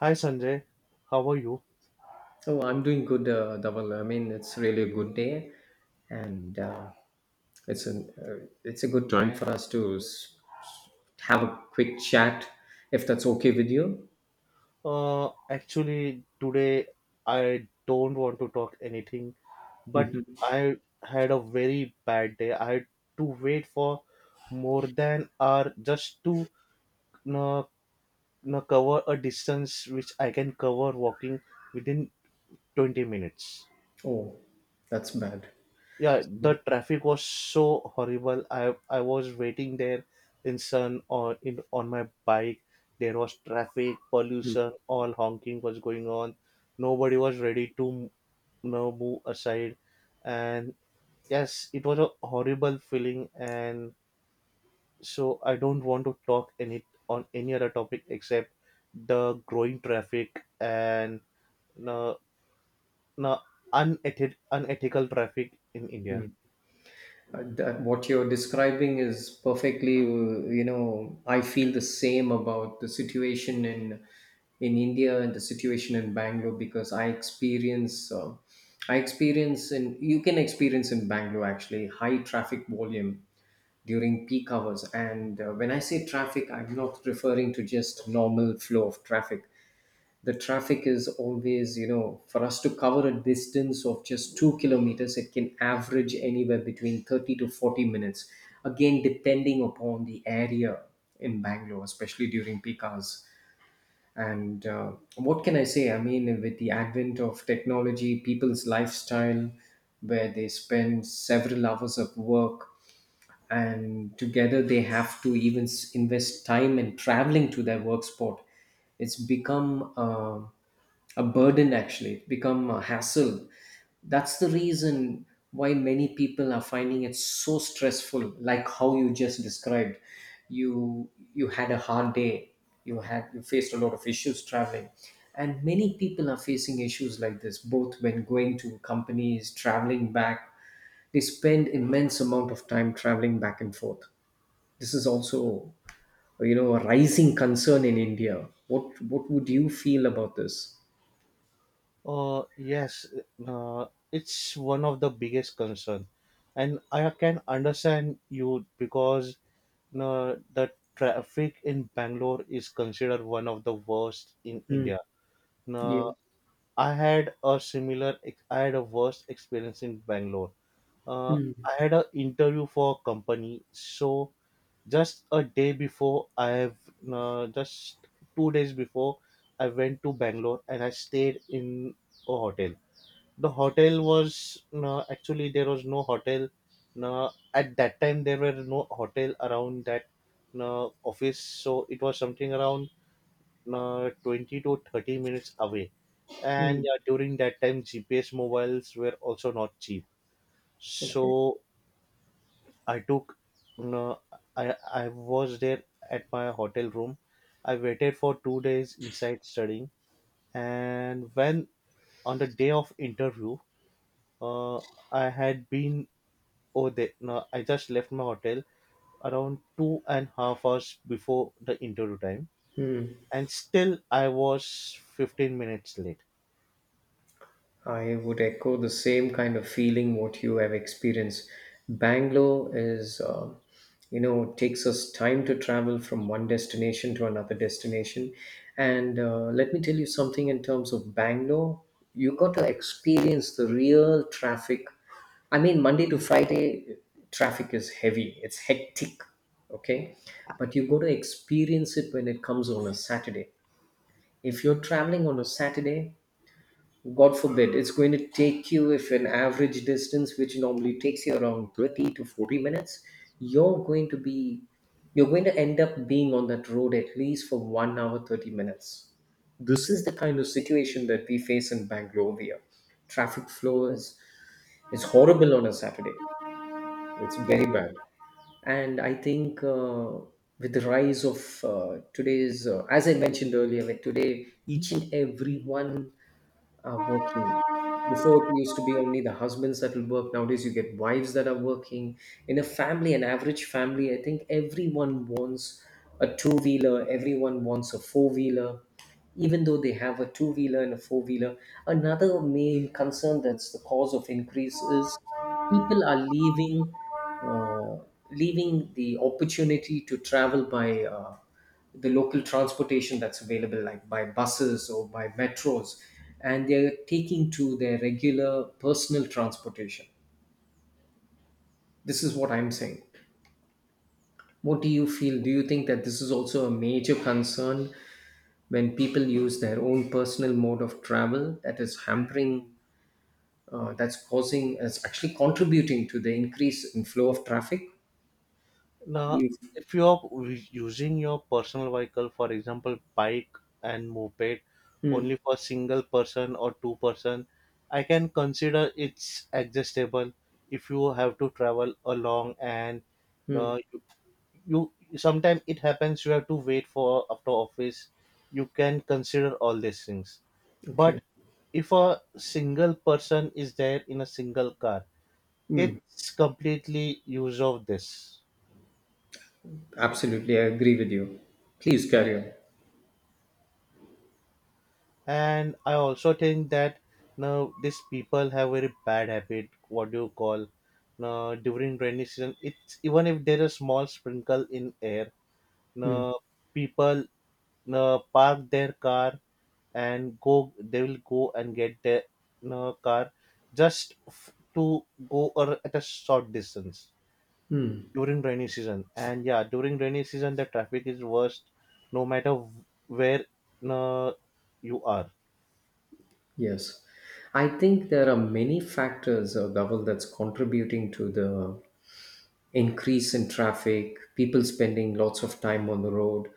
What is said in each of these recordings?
Hi Sanjay, how are you? Oh, I'm doing good, Dhaval. I mean, it's really a good day, and it's a good time for us to have a quick chat, if that's okay with you. Actually, today I don't want to talk anything, but I had a very bad day. I had to wait for more than hour just to uh, cover a distance which I can cover walking within 20 minutes. Oh, that's bad. Yeah, So, the traffic was so horrible. I was waiting there in sun or in on my bike. There was traffic pollution, all honking was going on, nobody was ready to move aside, and yes, it was a horrible feeling. And so I don't want to talk any on any other topic except the growing traffic and you know, you know, unethical traffic in India. What you're describing is perfectly, I feel the same about the situation in India and the situation in Bangalore because I experience. I experience in You can experience in Bangalore actually high traffic volume during peak hours. And when I say traffic, I'm not referring to just normal flow of traffic. The traffic is always, you know, for us to cover a distance of just 2 km, it can average anywhere between 30 to 40 minutes. Again, depending upon the area in Bangalore, especially during peak hours. And what can I say? I mean, with the advent of technology, people's lifestyle, where they spend several hours of work and together they have to even invest time and traveling to their work spot, it's become a burden. Actually, it's become a hassle. That's the reason why many people are finding it so stressful, like how you just described. You had a hard day, you faced a lot of issues traveling, and many people are facing issues like this, both when going to companies, traveling back. They spend immense amount of time traveling back and forth. This is also, you know, a rising concern in India. What would you feel about this? Yes, it's one of the biggest concern, and I can understand you because the traffic in Bangalore is considered one of the worst in Mm, India. yeah, Uh, I had a worst experience in Bangalore. Uh, mm, I had an interview for a company, so just a day before, I have just 2 days before, I went to Bangalore and I stayed in a hotel. The hotel was no, actually there was no hotel, no, at that time there were no hotel around that, no, office. So it was something around, no, 20 to 30 minutes away. And mm. During that time, GPS mobiles were also not cheap. Okay. So I took, no, I was there at my hotel room. I waited for 2 days inside studying. And when on the day of interview, uh, I had been oh, they, no, I just left my hotel around 2.5 hours before the interview time, Hmm. and still I was 15 minutes late. I would echo the same kind of feeling what you have experienced. Bangalore is, you know, takes us time to travel from one destination to another destination. And let me tell you something in terms of Bangalore, you got to experience the real traffic. I mean, Monday to Friday, traffic is heavy, it's hectic, okay? But you got to experience it when it comes on a Saturday. If you're traveling on a Saturday, God forbid, it's going to take you, if an average distance, which normally takes you around 30 to 40 minutes, you're going to be, you're going to end up being on that road at least for 1 hour, 30 minutes. This is the kind of situation that we face in Bangalore here. Traffic flow is horrible on a Saturday. It's very bad. And I think with the rise of as I mentioned earlier, like today, each and everyone are working. Before it used to be only the husbands that will work. Nowadays, you get wives that are working. In a family, an average family, I think everyone wants a two wheeler, everyone wants a four wheeler. Even though they have a two wheeler and a four wheeler, another main concern that's the cause of increase is people are uh, leaving the opportunity to travel by. The local transportation that's available, like by buses or by metros, and they're taking to their regular personal transportation. This is what I'm saying. What do you feel? Do you think that this is also a major concern when people use their own personal mode of travel that is hampering, that's actually contributing to the increase in flow of traffic? Now, you- if you are using your personal vehicle, for example, bike and moped, Hmm. only for single person or two person, I can consider it's adjustable if you have to travel along. And Hmm. uh, you, sometimes it happens you have to wait for after office, you can consider all these things. But Okay. if a single person is there in a single car, Hmm. it's completely use of this. Absolutely, I agree with you. Please carry on. And I also think that now these people have very bad habit, what do you call, now during rainy season, it's even if there is small sprinkle in air, Hmm. now people now park their car and go, they will go and get their car just to go or at a short distance Hmm. during rainy season. And yeah, during rainy season the traffic is worst no matter where uh, you are. Yes, I think there are many factors, Dhaval, that's contributing to the increase in traffic, people spending lots of time on the road.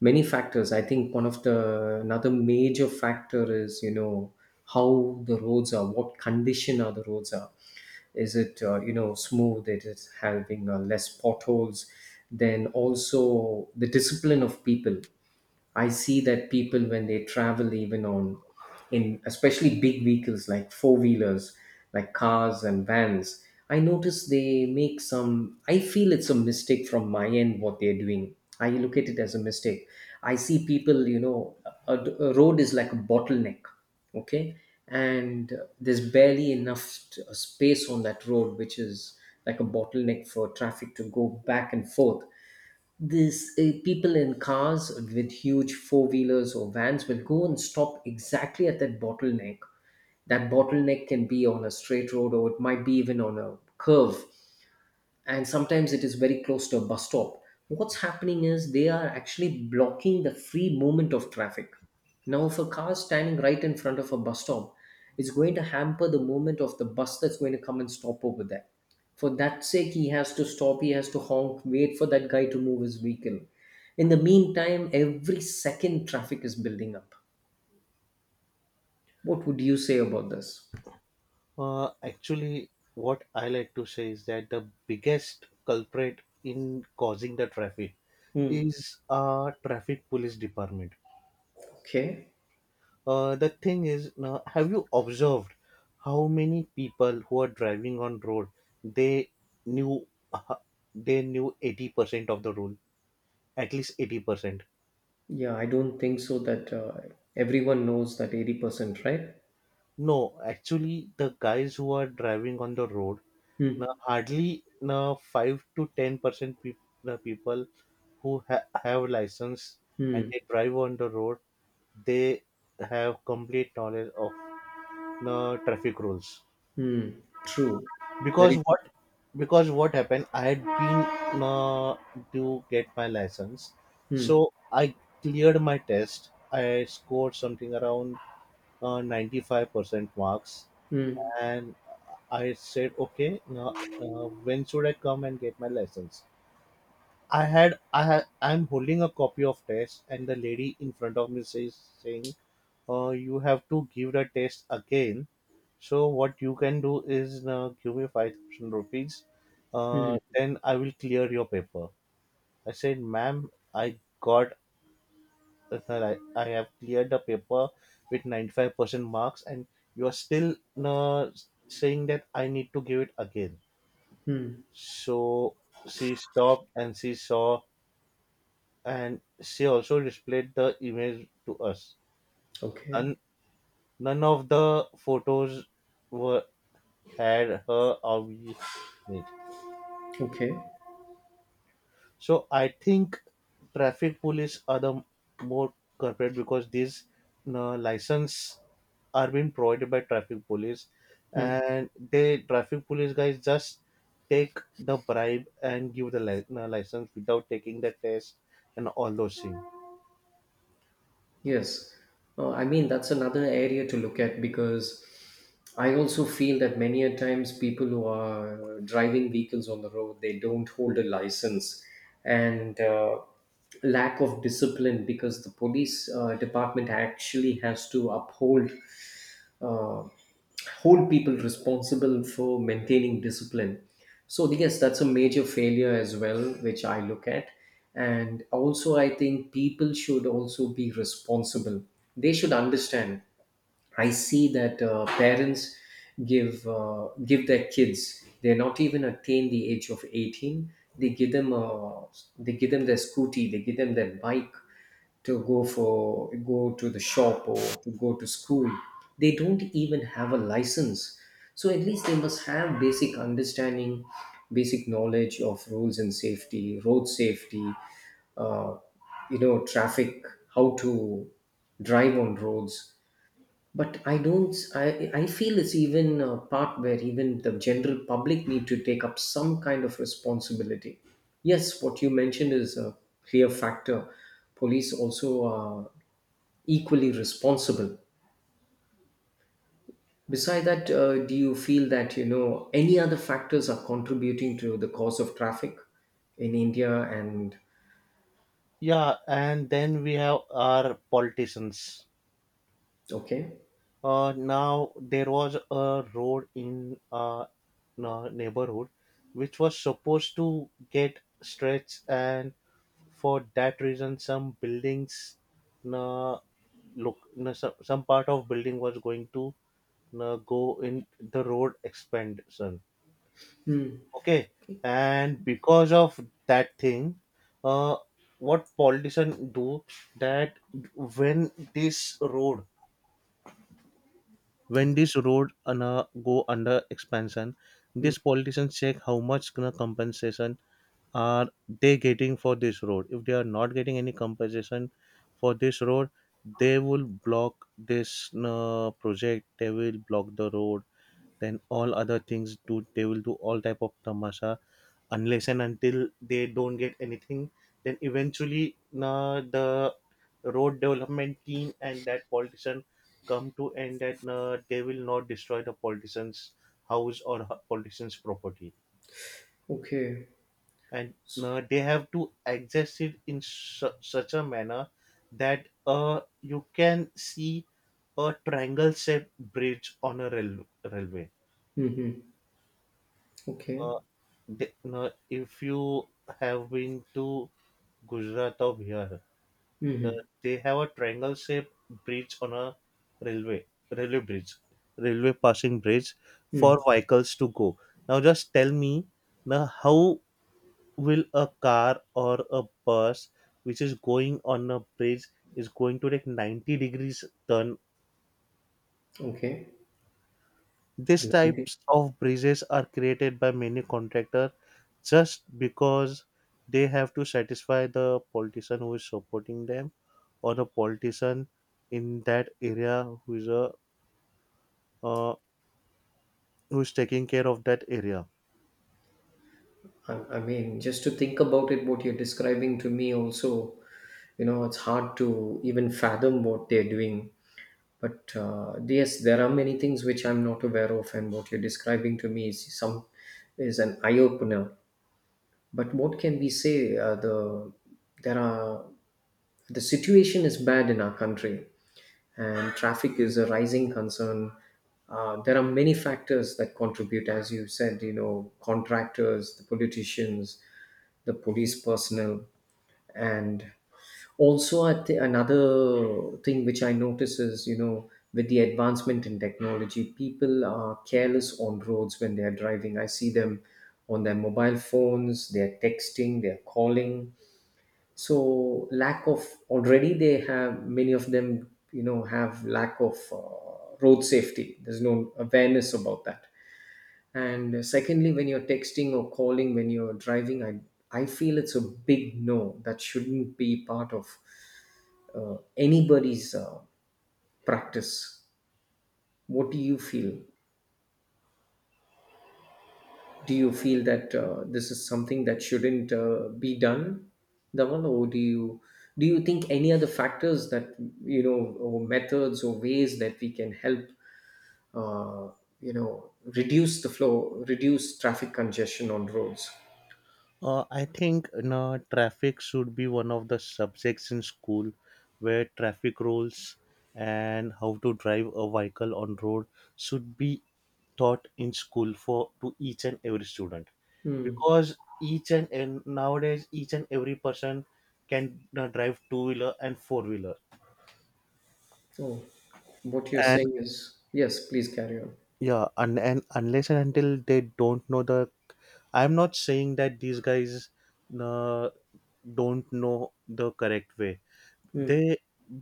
Many factors. I think one of the another major factor is, you know, how the roads are, what condition are the roads are. Is it smooth? It is having less potholes. Then also the discipline of people. I see that people when they travel, even on, in especially big vehicles like four wheelers, like cars and vans, I notice they make some I feel it's a mistake from my end what they're doing. I look at it as a mistake. I see people, you know, a road is like a bottleneck, okay? And there's barely enough space on that road, which is like a bottleneck for traffic to go back and forth. These people in cars with huge four wheelers or vans will go and stop exactly at that bottleneck. That bottleneck can be on a straight road or it might be even on a curve, and sometimes it is very close to a bus stop. What's happening is they are actually blocking the free movement of traffic. Now if a car is standing right in front of a bus stop, it's going to hamper the movement of the bus that's going to come and stop over there. For that sake, he has to stop, he has to honk, wait for that guy to move his vehicle. In the meantime, every second traffic is building up. What would you say about this? Actually, what I like to say is that the biggest culprit in causing the traffic Hmm. is traffic police department. Okay. The thing is, now, have you observed how many people who are driving on road, they knew, uh, 80% of the rule, at least 80%. Yeah, I don't think so that everyone knows that 80%, right? No, actually, the guys who are driving on the road, Hmm. now hardly now 5 to 10 percent peop the people who have license and Hmm. they drive on the road, they have complete knowledge of the traffic rules. Hmm. True. because Very good. what because what happened, I had been to get my license. So Hmm. I cleared my test. I scored something around 95% marks. Hmm. And I said, okay, now, when should I come and get my license? I had i had I'm holding a copy of test and the lady in front of me says, saying, you have to give the test again. So what you can do is, give me 5,000 rupees. Then I will clear your paper. I said, ma'am, I got, I have cleared the paper with 95% marks, and you are still uh, saying that I need to give it again. Hmm. So she stopped and she saw, and she also displayed the image to us. Okay. None, none of the photos were had her away. Okay. So I think traffic police are the more corporate, because these license are being provided by traffic police, Hmm. and they, traffic police guys just take the bribe and give the license without taking the test and all those things. Yes. I mean, that's another area to look at because I also feel that many a times people who are driving vehicles on the road, they don't hold a license, and lack of discipline because the police department actually has to uphold uh, hold people responsible for maintaining discipline. So yes, that's a major failure as well, which I look at. And also, I think people should also be responsible. They should understand, I see that parents give their kids, they're not even attain the age of 18, they give them they give them their scooty, they give them their bike to go to the shop or to go to school. They don't even have a license. So at least they must have basic understanding, basic knowledge of rules and safety, road safety, uh, traffic, how to drive on roads. But I don't I feel it's even a part where even the general public need to take up some kind of responsibility. Yes, what you mentioned is a clear factor. Police also are equally responsible. Beside that, do you feel that, you know, any other factors are contributing to the cause of traffic in India and? Yeah, and then we have our politicians. Okay. Now there was a road in a neighborhood which was supposed to get stretched, and for that reason, some buildings, uh, some part of building was going to go in the road expansion. Hmm. Okay, and because of that thing, uh, what politician do, that when this road go under expansion, these politicians check how much gonna compensation are they getting for this road. If they are not getting any compensation for this road, they will block this project. They will block the road. Then all other things do. They will do all type of tamasha unless and until they don't get anything. Then eventually the road development team and that politician come to end that they will not destroy the politician's house or politician's property. Okay. And they have to adjust it in such a manner that you can see a triangle shaped bridge on a railway. Hmm. Hmm. Okay. Uh, if you have been to Gujarat or Bihar, Hmm. the, Hmm. they have a triangle shaped bridge on a railway, railway bridge, railway passing bridge for Hmm. vehicles to go. Now, just tell me now how will a car or a bus which is going on a bridge is going to take 90 degrees turn? Okay. These And types of bridges are created by many contractors just because they have to satisfy the politician who is supporting them, or the politician in that area who is a uh, who's taking care of that area. I mean, just to think about it, what you're describing to me also, you know, it's hard to even fathom what they're doing. But yes, there are many things which I'm not aware of, and what you're describing to me is some is an eye opener. But what can we say? There are, the situation is bad in our country, and traffic is a rising concern. There are many factors that contribute, as you said. You know, contractors, the politicians, the police personnel, and also I think another thing which I notice is, you know, with the advancement in technology, people are careless on roads. When they are driving, I see them on their mobile phones, they're texting, they're calling. So lack of, already they have, many of them, you know, have lack of road safety. There's no awareness about that. And secondly, when you're texting or calling when you're driving, I feel it's a big no, that shouldn't be part of anybody's practice. What do you feel? Do you feel that this is something that shouldn't be done, Dhaval? Or do you think any other factors that, you know, or methods or ways that we can help, uh, you know, reduce the flow reduce traffic congestion on roads? I think, you know, traffic should be one of the subjects in school where traffic rules and how to drive a vehicle on road should be taught in school for to each and every student, Hmm. because each and nowadays each and every person can drive two wheeler and four wheeler. Oh, what you're And saying is yes. Please carry on. yeah, and unless and until they don't know the, I'm not saying that these guys uh, don't know the correct way, Hmm. they,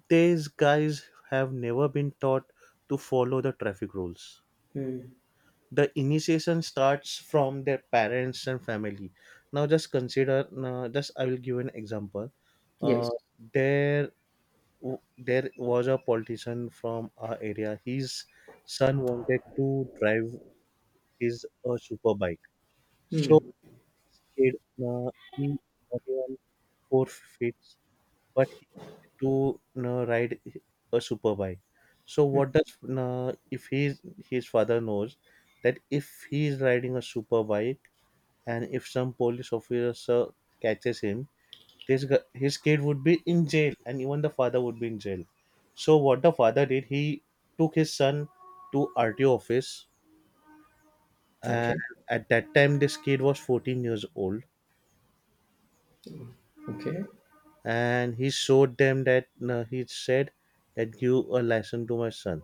these guys have never been taught to follow the traffic rules. Hmm. The initiation starts from their parents and family. Now just consider, just I will give an example. uh, Yes. there there was a politician from our area. His son wanted to drive his super bike. So Hmm. kid, uh, he, not even 4 feet, but to, you know, ride a super bike. So what does, you know, if he's, his father knows that if he is riding a super bike and if some police officer catches him, this his kid would be in jail and even the father would be in jail. So what the father did, he took his son to RTO office. And Okay. at that time this kid was 14 years old, Okay. and he showed them that he said that give a lesson to my son.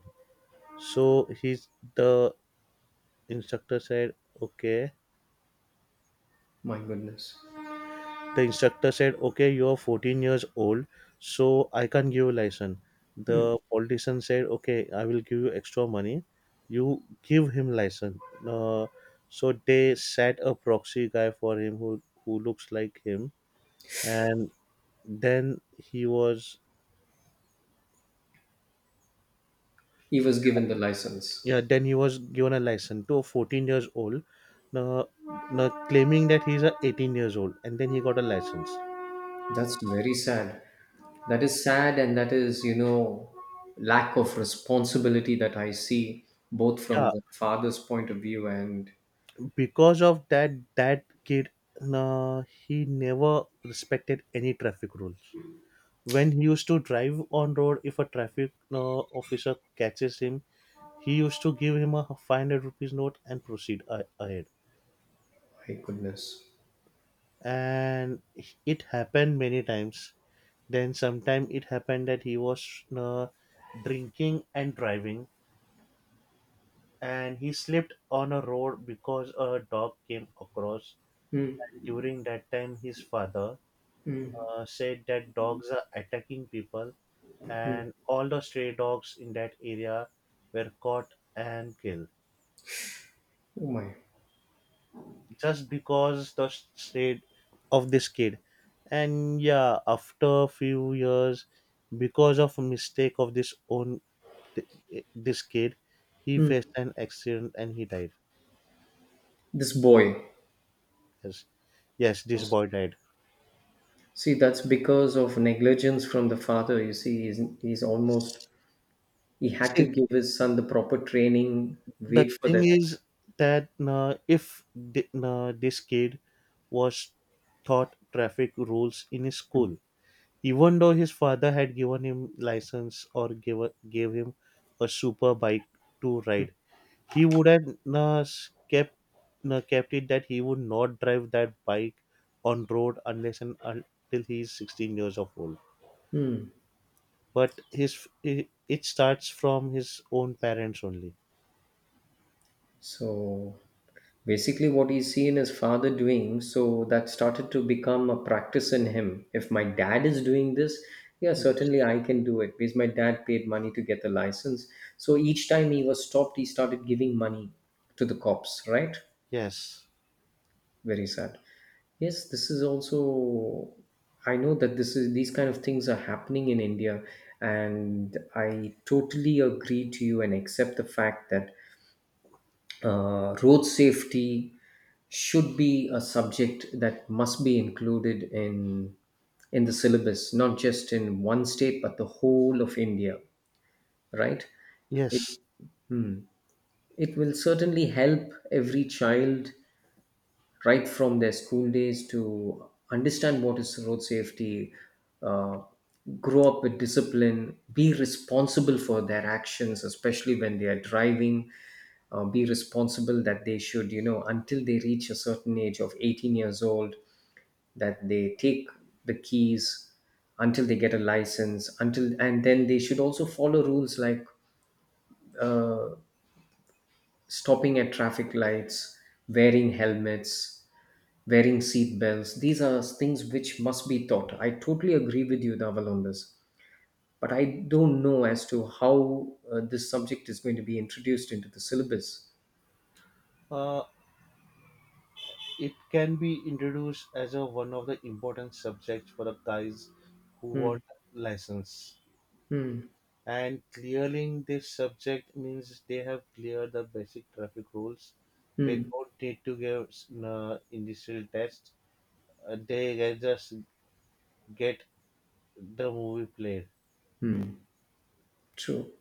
So he's, the instructor said, okay. My goodness. The instructor said, okay, you're 14 years old, so I can't give you license. The politician said, okay, I will give you extra money. You give him license. Uh, so they set a proxy guy for him who looks like him, and then he was, He was given the license. yeah, then he was given a license to a 14 years old, claiming that he's a 18 years old, and then he got a license. That's very sad. That is sad, and that is, you know, lack of responsibility that I see both Yeah, from the father's point of view and because of that kid, he never respected any traffic rules. When he used to drive on road, if a traffic officer catches him, he used to give him a 500 rupees note and proceed ahead. my goodness. And it happened many times. Then sometime it happened that he was drinking and driving, and he slipped on a road because a dog came across. Hmm. During that time his father Hmm. Said that dogs are attacking people, Hmm. and all the stray dogs in that area were caught and killed Oh my. just because the state of this kid. And yeah, after a few years, because of a mistake of this own, this kid, he Hmm. faced an accident and he died. This boy. Yes, yes, this boy died. See, that's because of negligence from the father. You see, he's almost, he had to See, give his son the proper training, the wait for thing that. is that if this kid was taught traffic rules in his school, even though his father had given him license or gave, gave him a super bike to ride, he would have uh, s- kept kept it that he would not drive that bike on road unless and until he is 16 years of old. Hmm. But his, it starts from his own parents only. So basically, what he's seen his father doing, so that started to become a practice in him. If my dad is doing this, yeah, certainly I can do it, because my dad paid money to get the license. So each time he was stopped, he started giving money to the cops, right? Yes. Very sad. Yes, this is also. I know that this is, these kind of things are happening in India, and I totally agree to you and accept the fact that road safety should be a subject that must be included in the syllabus, not just in one state but the whole of India, right? It, Yes. hmm, it will certainly help every child right from their school days to understand what is road safety, uh, grow up with discipline, be responsible for their actions, especially when they are driving. Be responsible that they should, you know, until they reach a certain age of 18 years old, that they take the keys until they get a license, until and then they should also follow rules like stopping at traffic lights, wearing helmets, wearing seat belts. These are things which must be taught. I totally agree with you, Naval, on this. But I don't know as to how this subject is going to be introduced into the syllabus. Uh, it can be introduced as a, one of the important subjects for the guys who Hmm, want license. hmm, And clearing this subject means they have cleared the basic traffic rules. They hmm. don't need to give initial test. They can just get the movie played. True.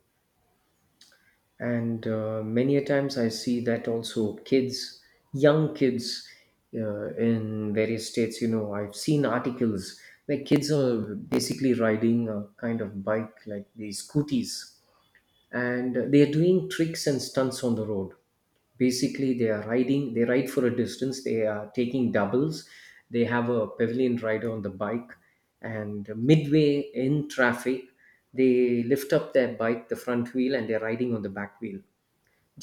And many a times I see that also kids, young kids in various states, you know, I've seen articles where kids are basically riding a kind of bike like these scooties, and they're doing tricks and stunts on the road. Basically, they are riding, they ride for a distance, they are taking doubles, they have a pavilion rider on the bike, and midway in traffic they lift up their bike, the front wheel, and they're riding on the back wheel.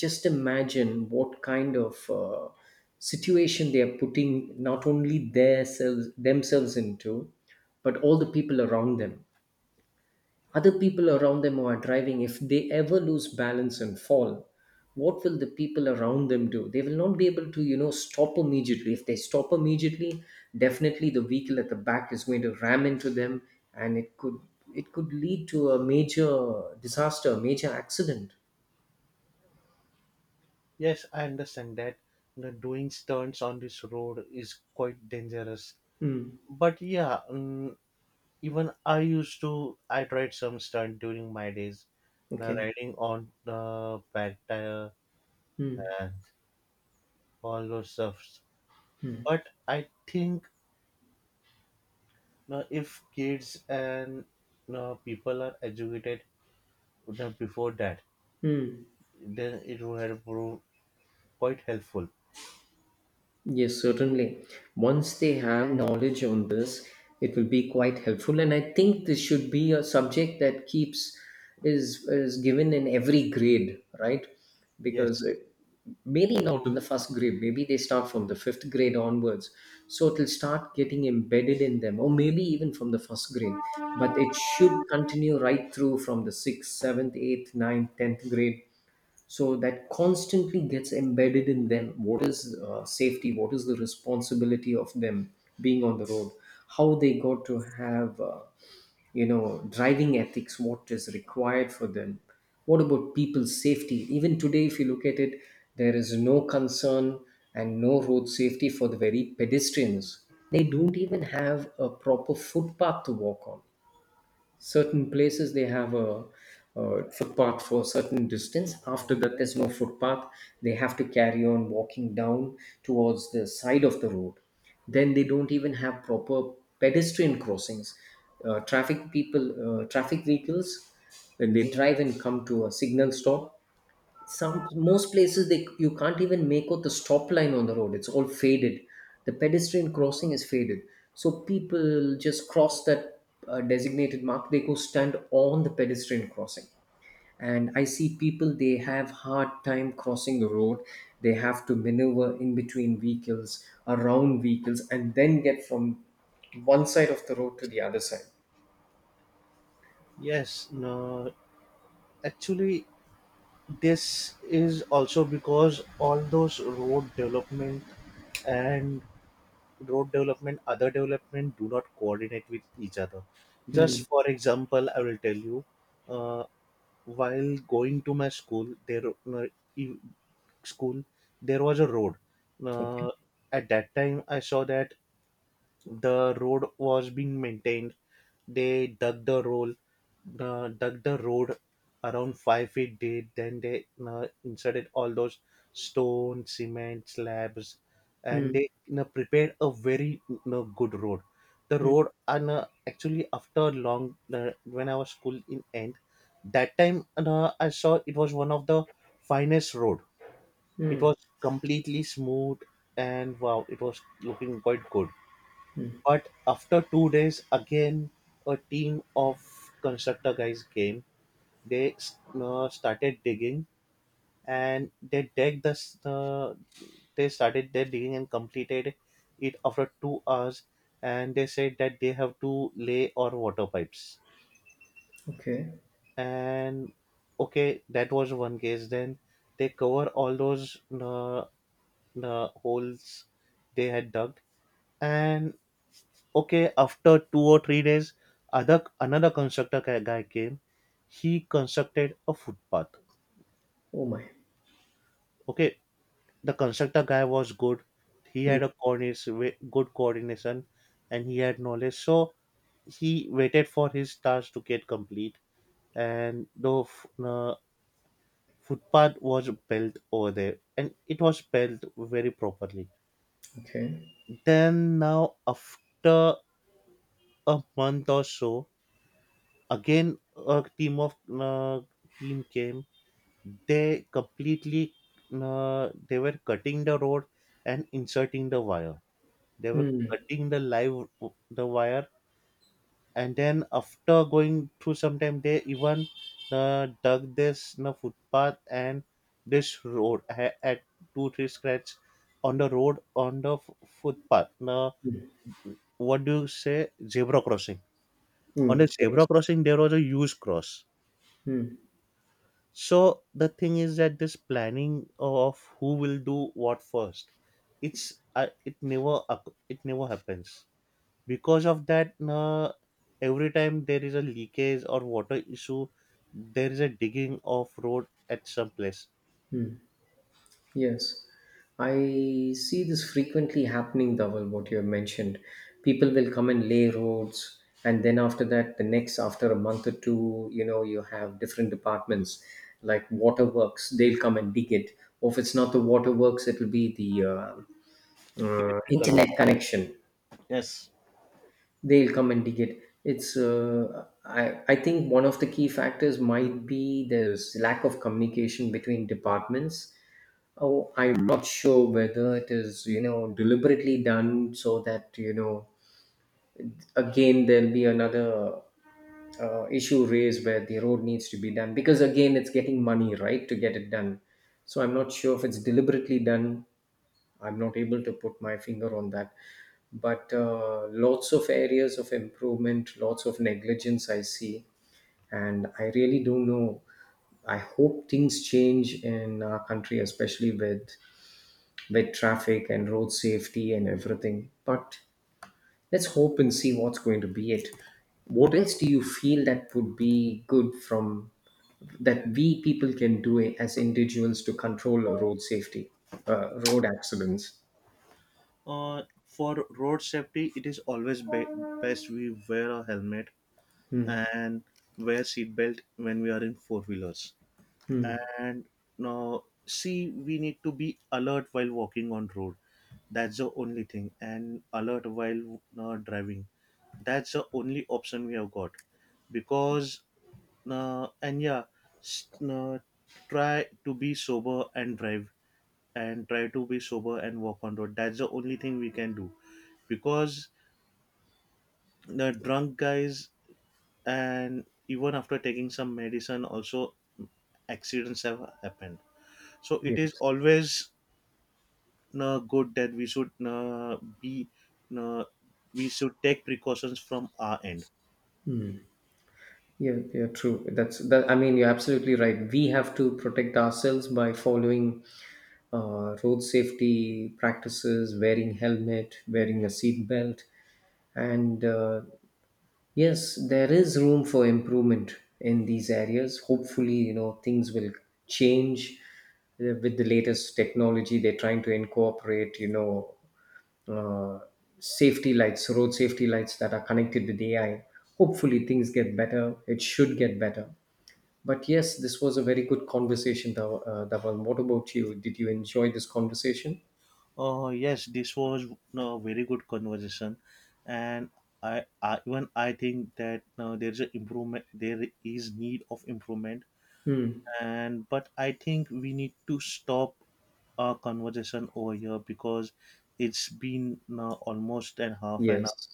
Just imagine what kind of situation they are putting not only their selves, themselves into, but all the people around them, other people around them who are driving. If they ever lose balance and fall, what will the people around them do? They will not be able to, you know, stop immediately. If they stop immediately, definitely the vehicle at the back is going to ram into them, and it could, it could lead to a major disaster, major accident. Yes, I understand that. The doing stunts on this road is quite dangerous. Hmm. But even I used to, I tried some stunt during my days, the Okay. riding on the back tire Hmm. and all those stuffs. But I think if kids and people are educated before that, Hmm. then it would have proved quite helpful. Yes, certainly. Once they have knowledge on this, it will be quite helpful. And I think this should be a subject that keeps is given in every grade, right? Yes, Because it, maybe not in the first grade, maybe they start from the fifth grade onwards. So it'll start getting embedded in them, or maybe even from the first grade. But it should continue right through from the sixth, seventh, eighth, ninth, tenth grade, so that constantly gets embedded in them what is safety, what is the responsibility of them being on the road, how they got to have, you know, driving ethics, what is required for them, what about people's safety. Even today if you look at it, there is no concern and no road safety for the very pedestrians. They don't even have a proper footpath to walk on. Certain places they have a footpath for a certain distance, after that there's no footpath, they have to carry on walking down towards the side of the road. Then they don't even have proper pedestrian crossings. Traffic people, traffic vehicles, when they drive and come to a signal stop, some most places they, you can't even make out the stop line on the road, it's all faded, the pedestrian crossing is faded, so people just cross that designated mark, they go stand on the pedestrian crossing. And I see people, they have hard time crossing the road, they have to maneuver in between vehicles, around vehicles, and then get from one side of the road to the other side. yes. No, actually, this is also because all those road development and road development other development do not coordinate with each other. Just for example I will tell you, uh, while going to my school there, uh, e- school, there was a road, uh, Okay. at that time I saw that the road was being maintained. They dug the road around 5 feet deep. Then they inserted all those stone, cement slabs, and Hmm. they, prepared a very, good road. The road, and actually after long, when I was school in end, that time and, I saw it was one of the finest road. It was completely smooth and wow, it was looking quite good. But after 2 days, again a team of constructor guys came. They started digging and they started their digging and completed it after 2 hours. And they said that they have to lay or water pipes. Okay. And okay, that was one case. Then they cover all those holes they had dug, and okay, after 2 or 3 days, other another constructor guy came. He constructed a footpath. Oh my. Okay, the constructor guy was good. He Hmm. had a coordination good coordination, and he had knowledge, so he waited for his task to get complete, and uh, footpath was built over there, and it was built very properly. Okay. Then now after a month or so, again a team of uh, team came. They completely, they were cutting the road and inserting the wire. They were Hmm. cutting the live, the wire. And then after going through some time, they even dug this footpath, and this road had 2 3 scratch on the road, on the footpath, uh, what do you say, zebra crossing. On Hmm. the Yes. zebra crossing there was a huge cross. Hmm. So the thing is that this planning of who will do what first, it's it never happens. Because of that, every time there is a leakage or water issue, there is a digging of road at some place. Yes, I see this frequently happening, Dhaval, what you have mentioned. People will come and lay roads, and then after that, the next, after a month or two, you know, you have different departments like waterworks, they'll come and dig it. Or if it's not the waterworks, it will be the Electrical. internet connection, they'll come and dig it. It's, uh, I think one of the key factors might be there's lack of communication between departments. Oh, I'm not sure whether it is, you know, deliberately done, so that, you know, again there'll be another issue raised where the road needs to be done, because again it's getting money, right, to get it done. So I'm not sure if it's deliberately done. I'm not able to put my finger on that. But lots of areas of improvement, lots of negligence I see, and I really don't know. I hope things change in our country, especially with traffic and road safety and everything. But let's hope and see what's going to be it. What else do you feel that would be good from that we people can do as individuals to control road safety, road accidents? For road safety, it is always best we wear a helmet and wear seatbelt when we are in four wheelers. And now see, we need to be alert while walking on road. That's the only thing, and alert while driving. That's the only option we have got. Because and yeah, s- uh, try to be sober and drive, and try to be sober and walk on road. That's the only thing we can do, because the drunk guys, and even after taking some medicine also, accidents have happened. So it is Yes. always good that we should be, uh, we should take precautions from our end. Yeah, yeah, true. That's that. I mean, you're absolutely right. We have to protect ourselves by following road safety practices, wearing helmet, wearing a seat belt, and yes, there is room for improvement in these areas. Hopefully, you know, things will change with the latest technology. They're trying to incorporate, you know, uh, safety lights, road safety lights that are connected with AI. Hopefully, things get better. It should get better. But yes, this was a very good conversation, Dhawan. What about you? Did you enjoy this conversation? Oh yes, this was a very good conversation, and I even I think that there is an improvement. There is need of improvement, Hmm. and but I think we need to stop our conversation over here because it's been almost an half an hour, Yes,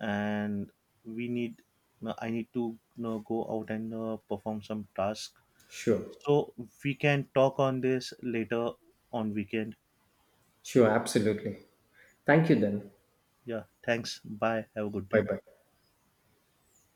and we need. I need to you go out and perform some tasks. sure. So we can talk on this later on weekend. Sure, absolutely. Thank you then. Yeah, thanks. Bye. Have a good Bye day. bye.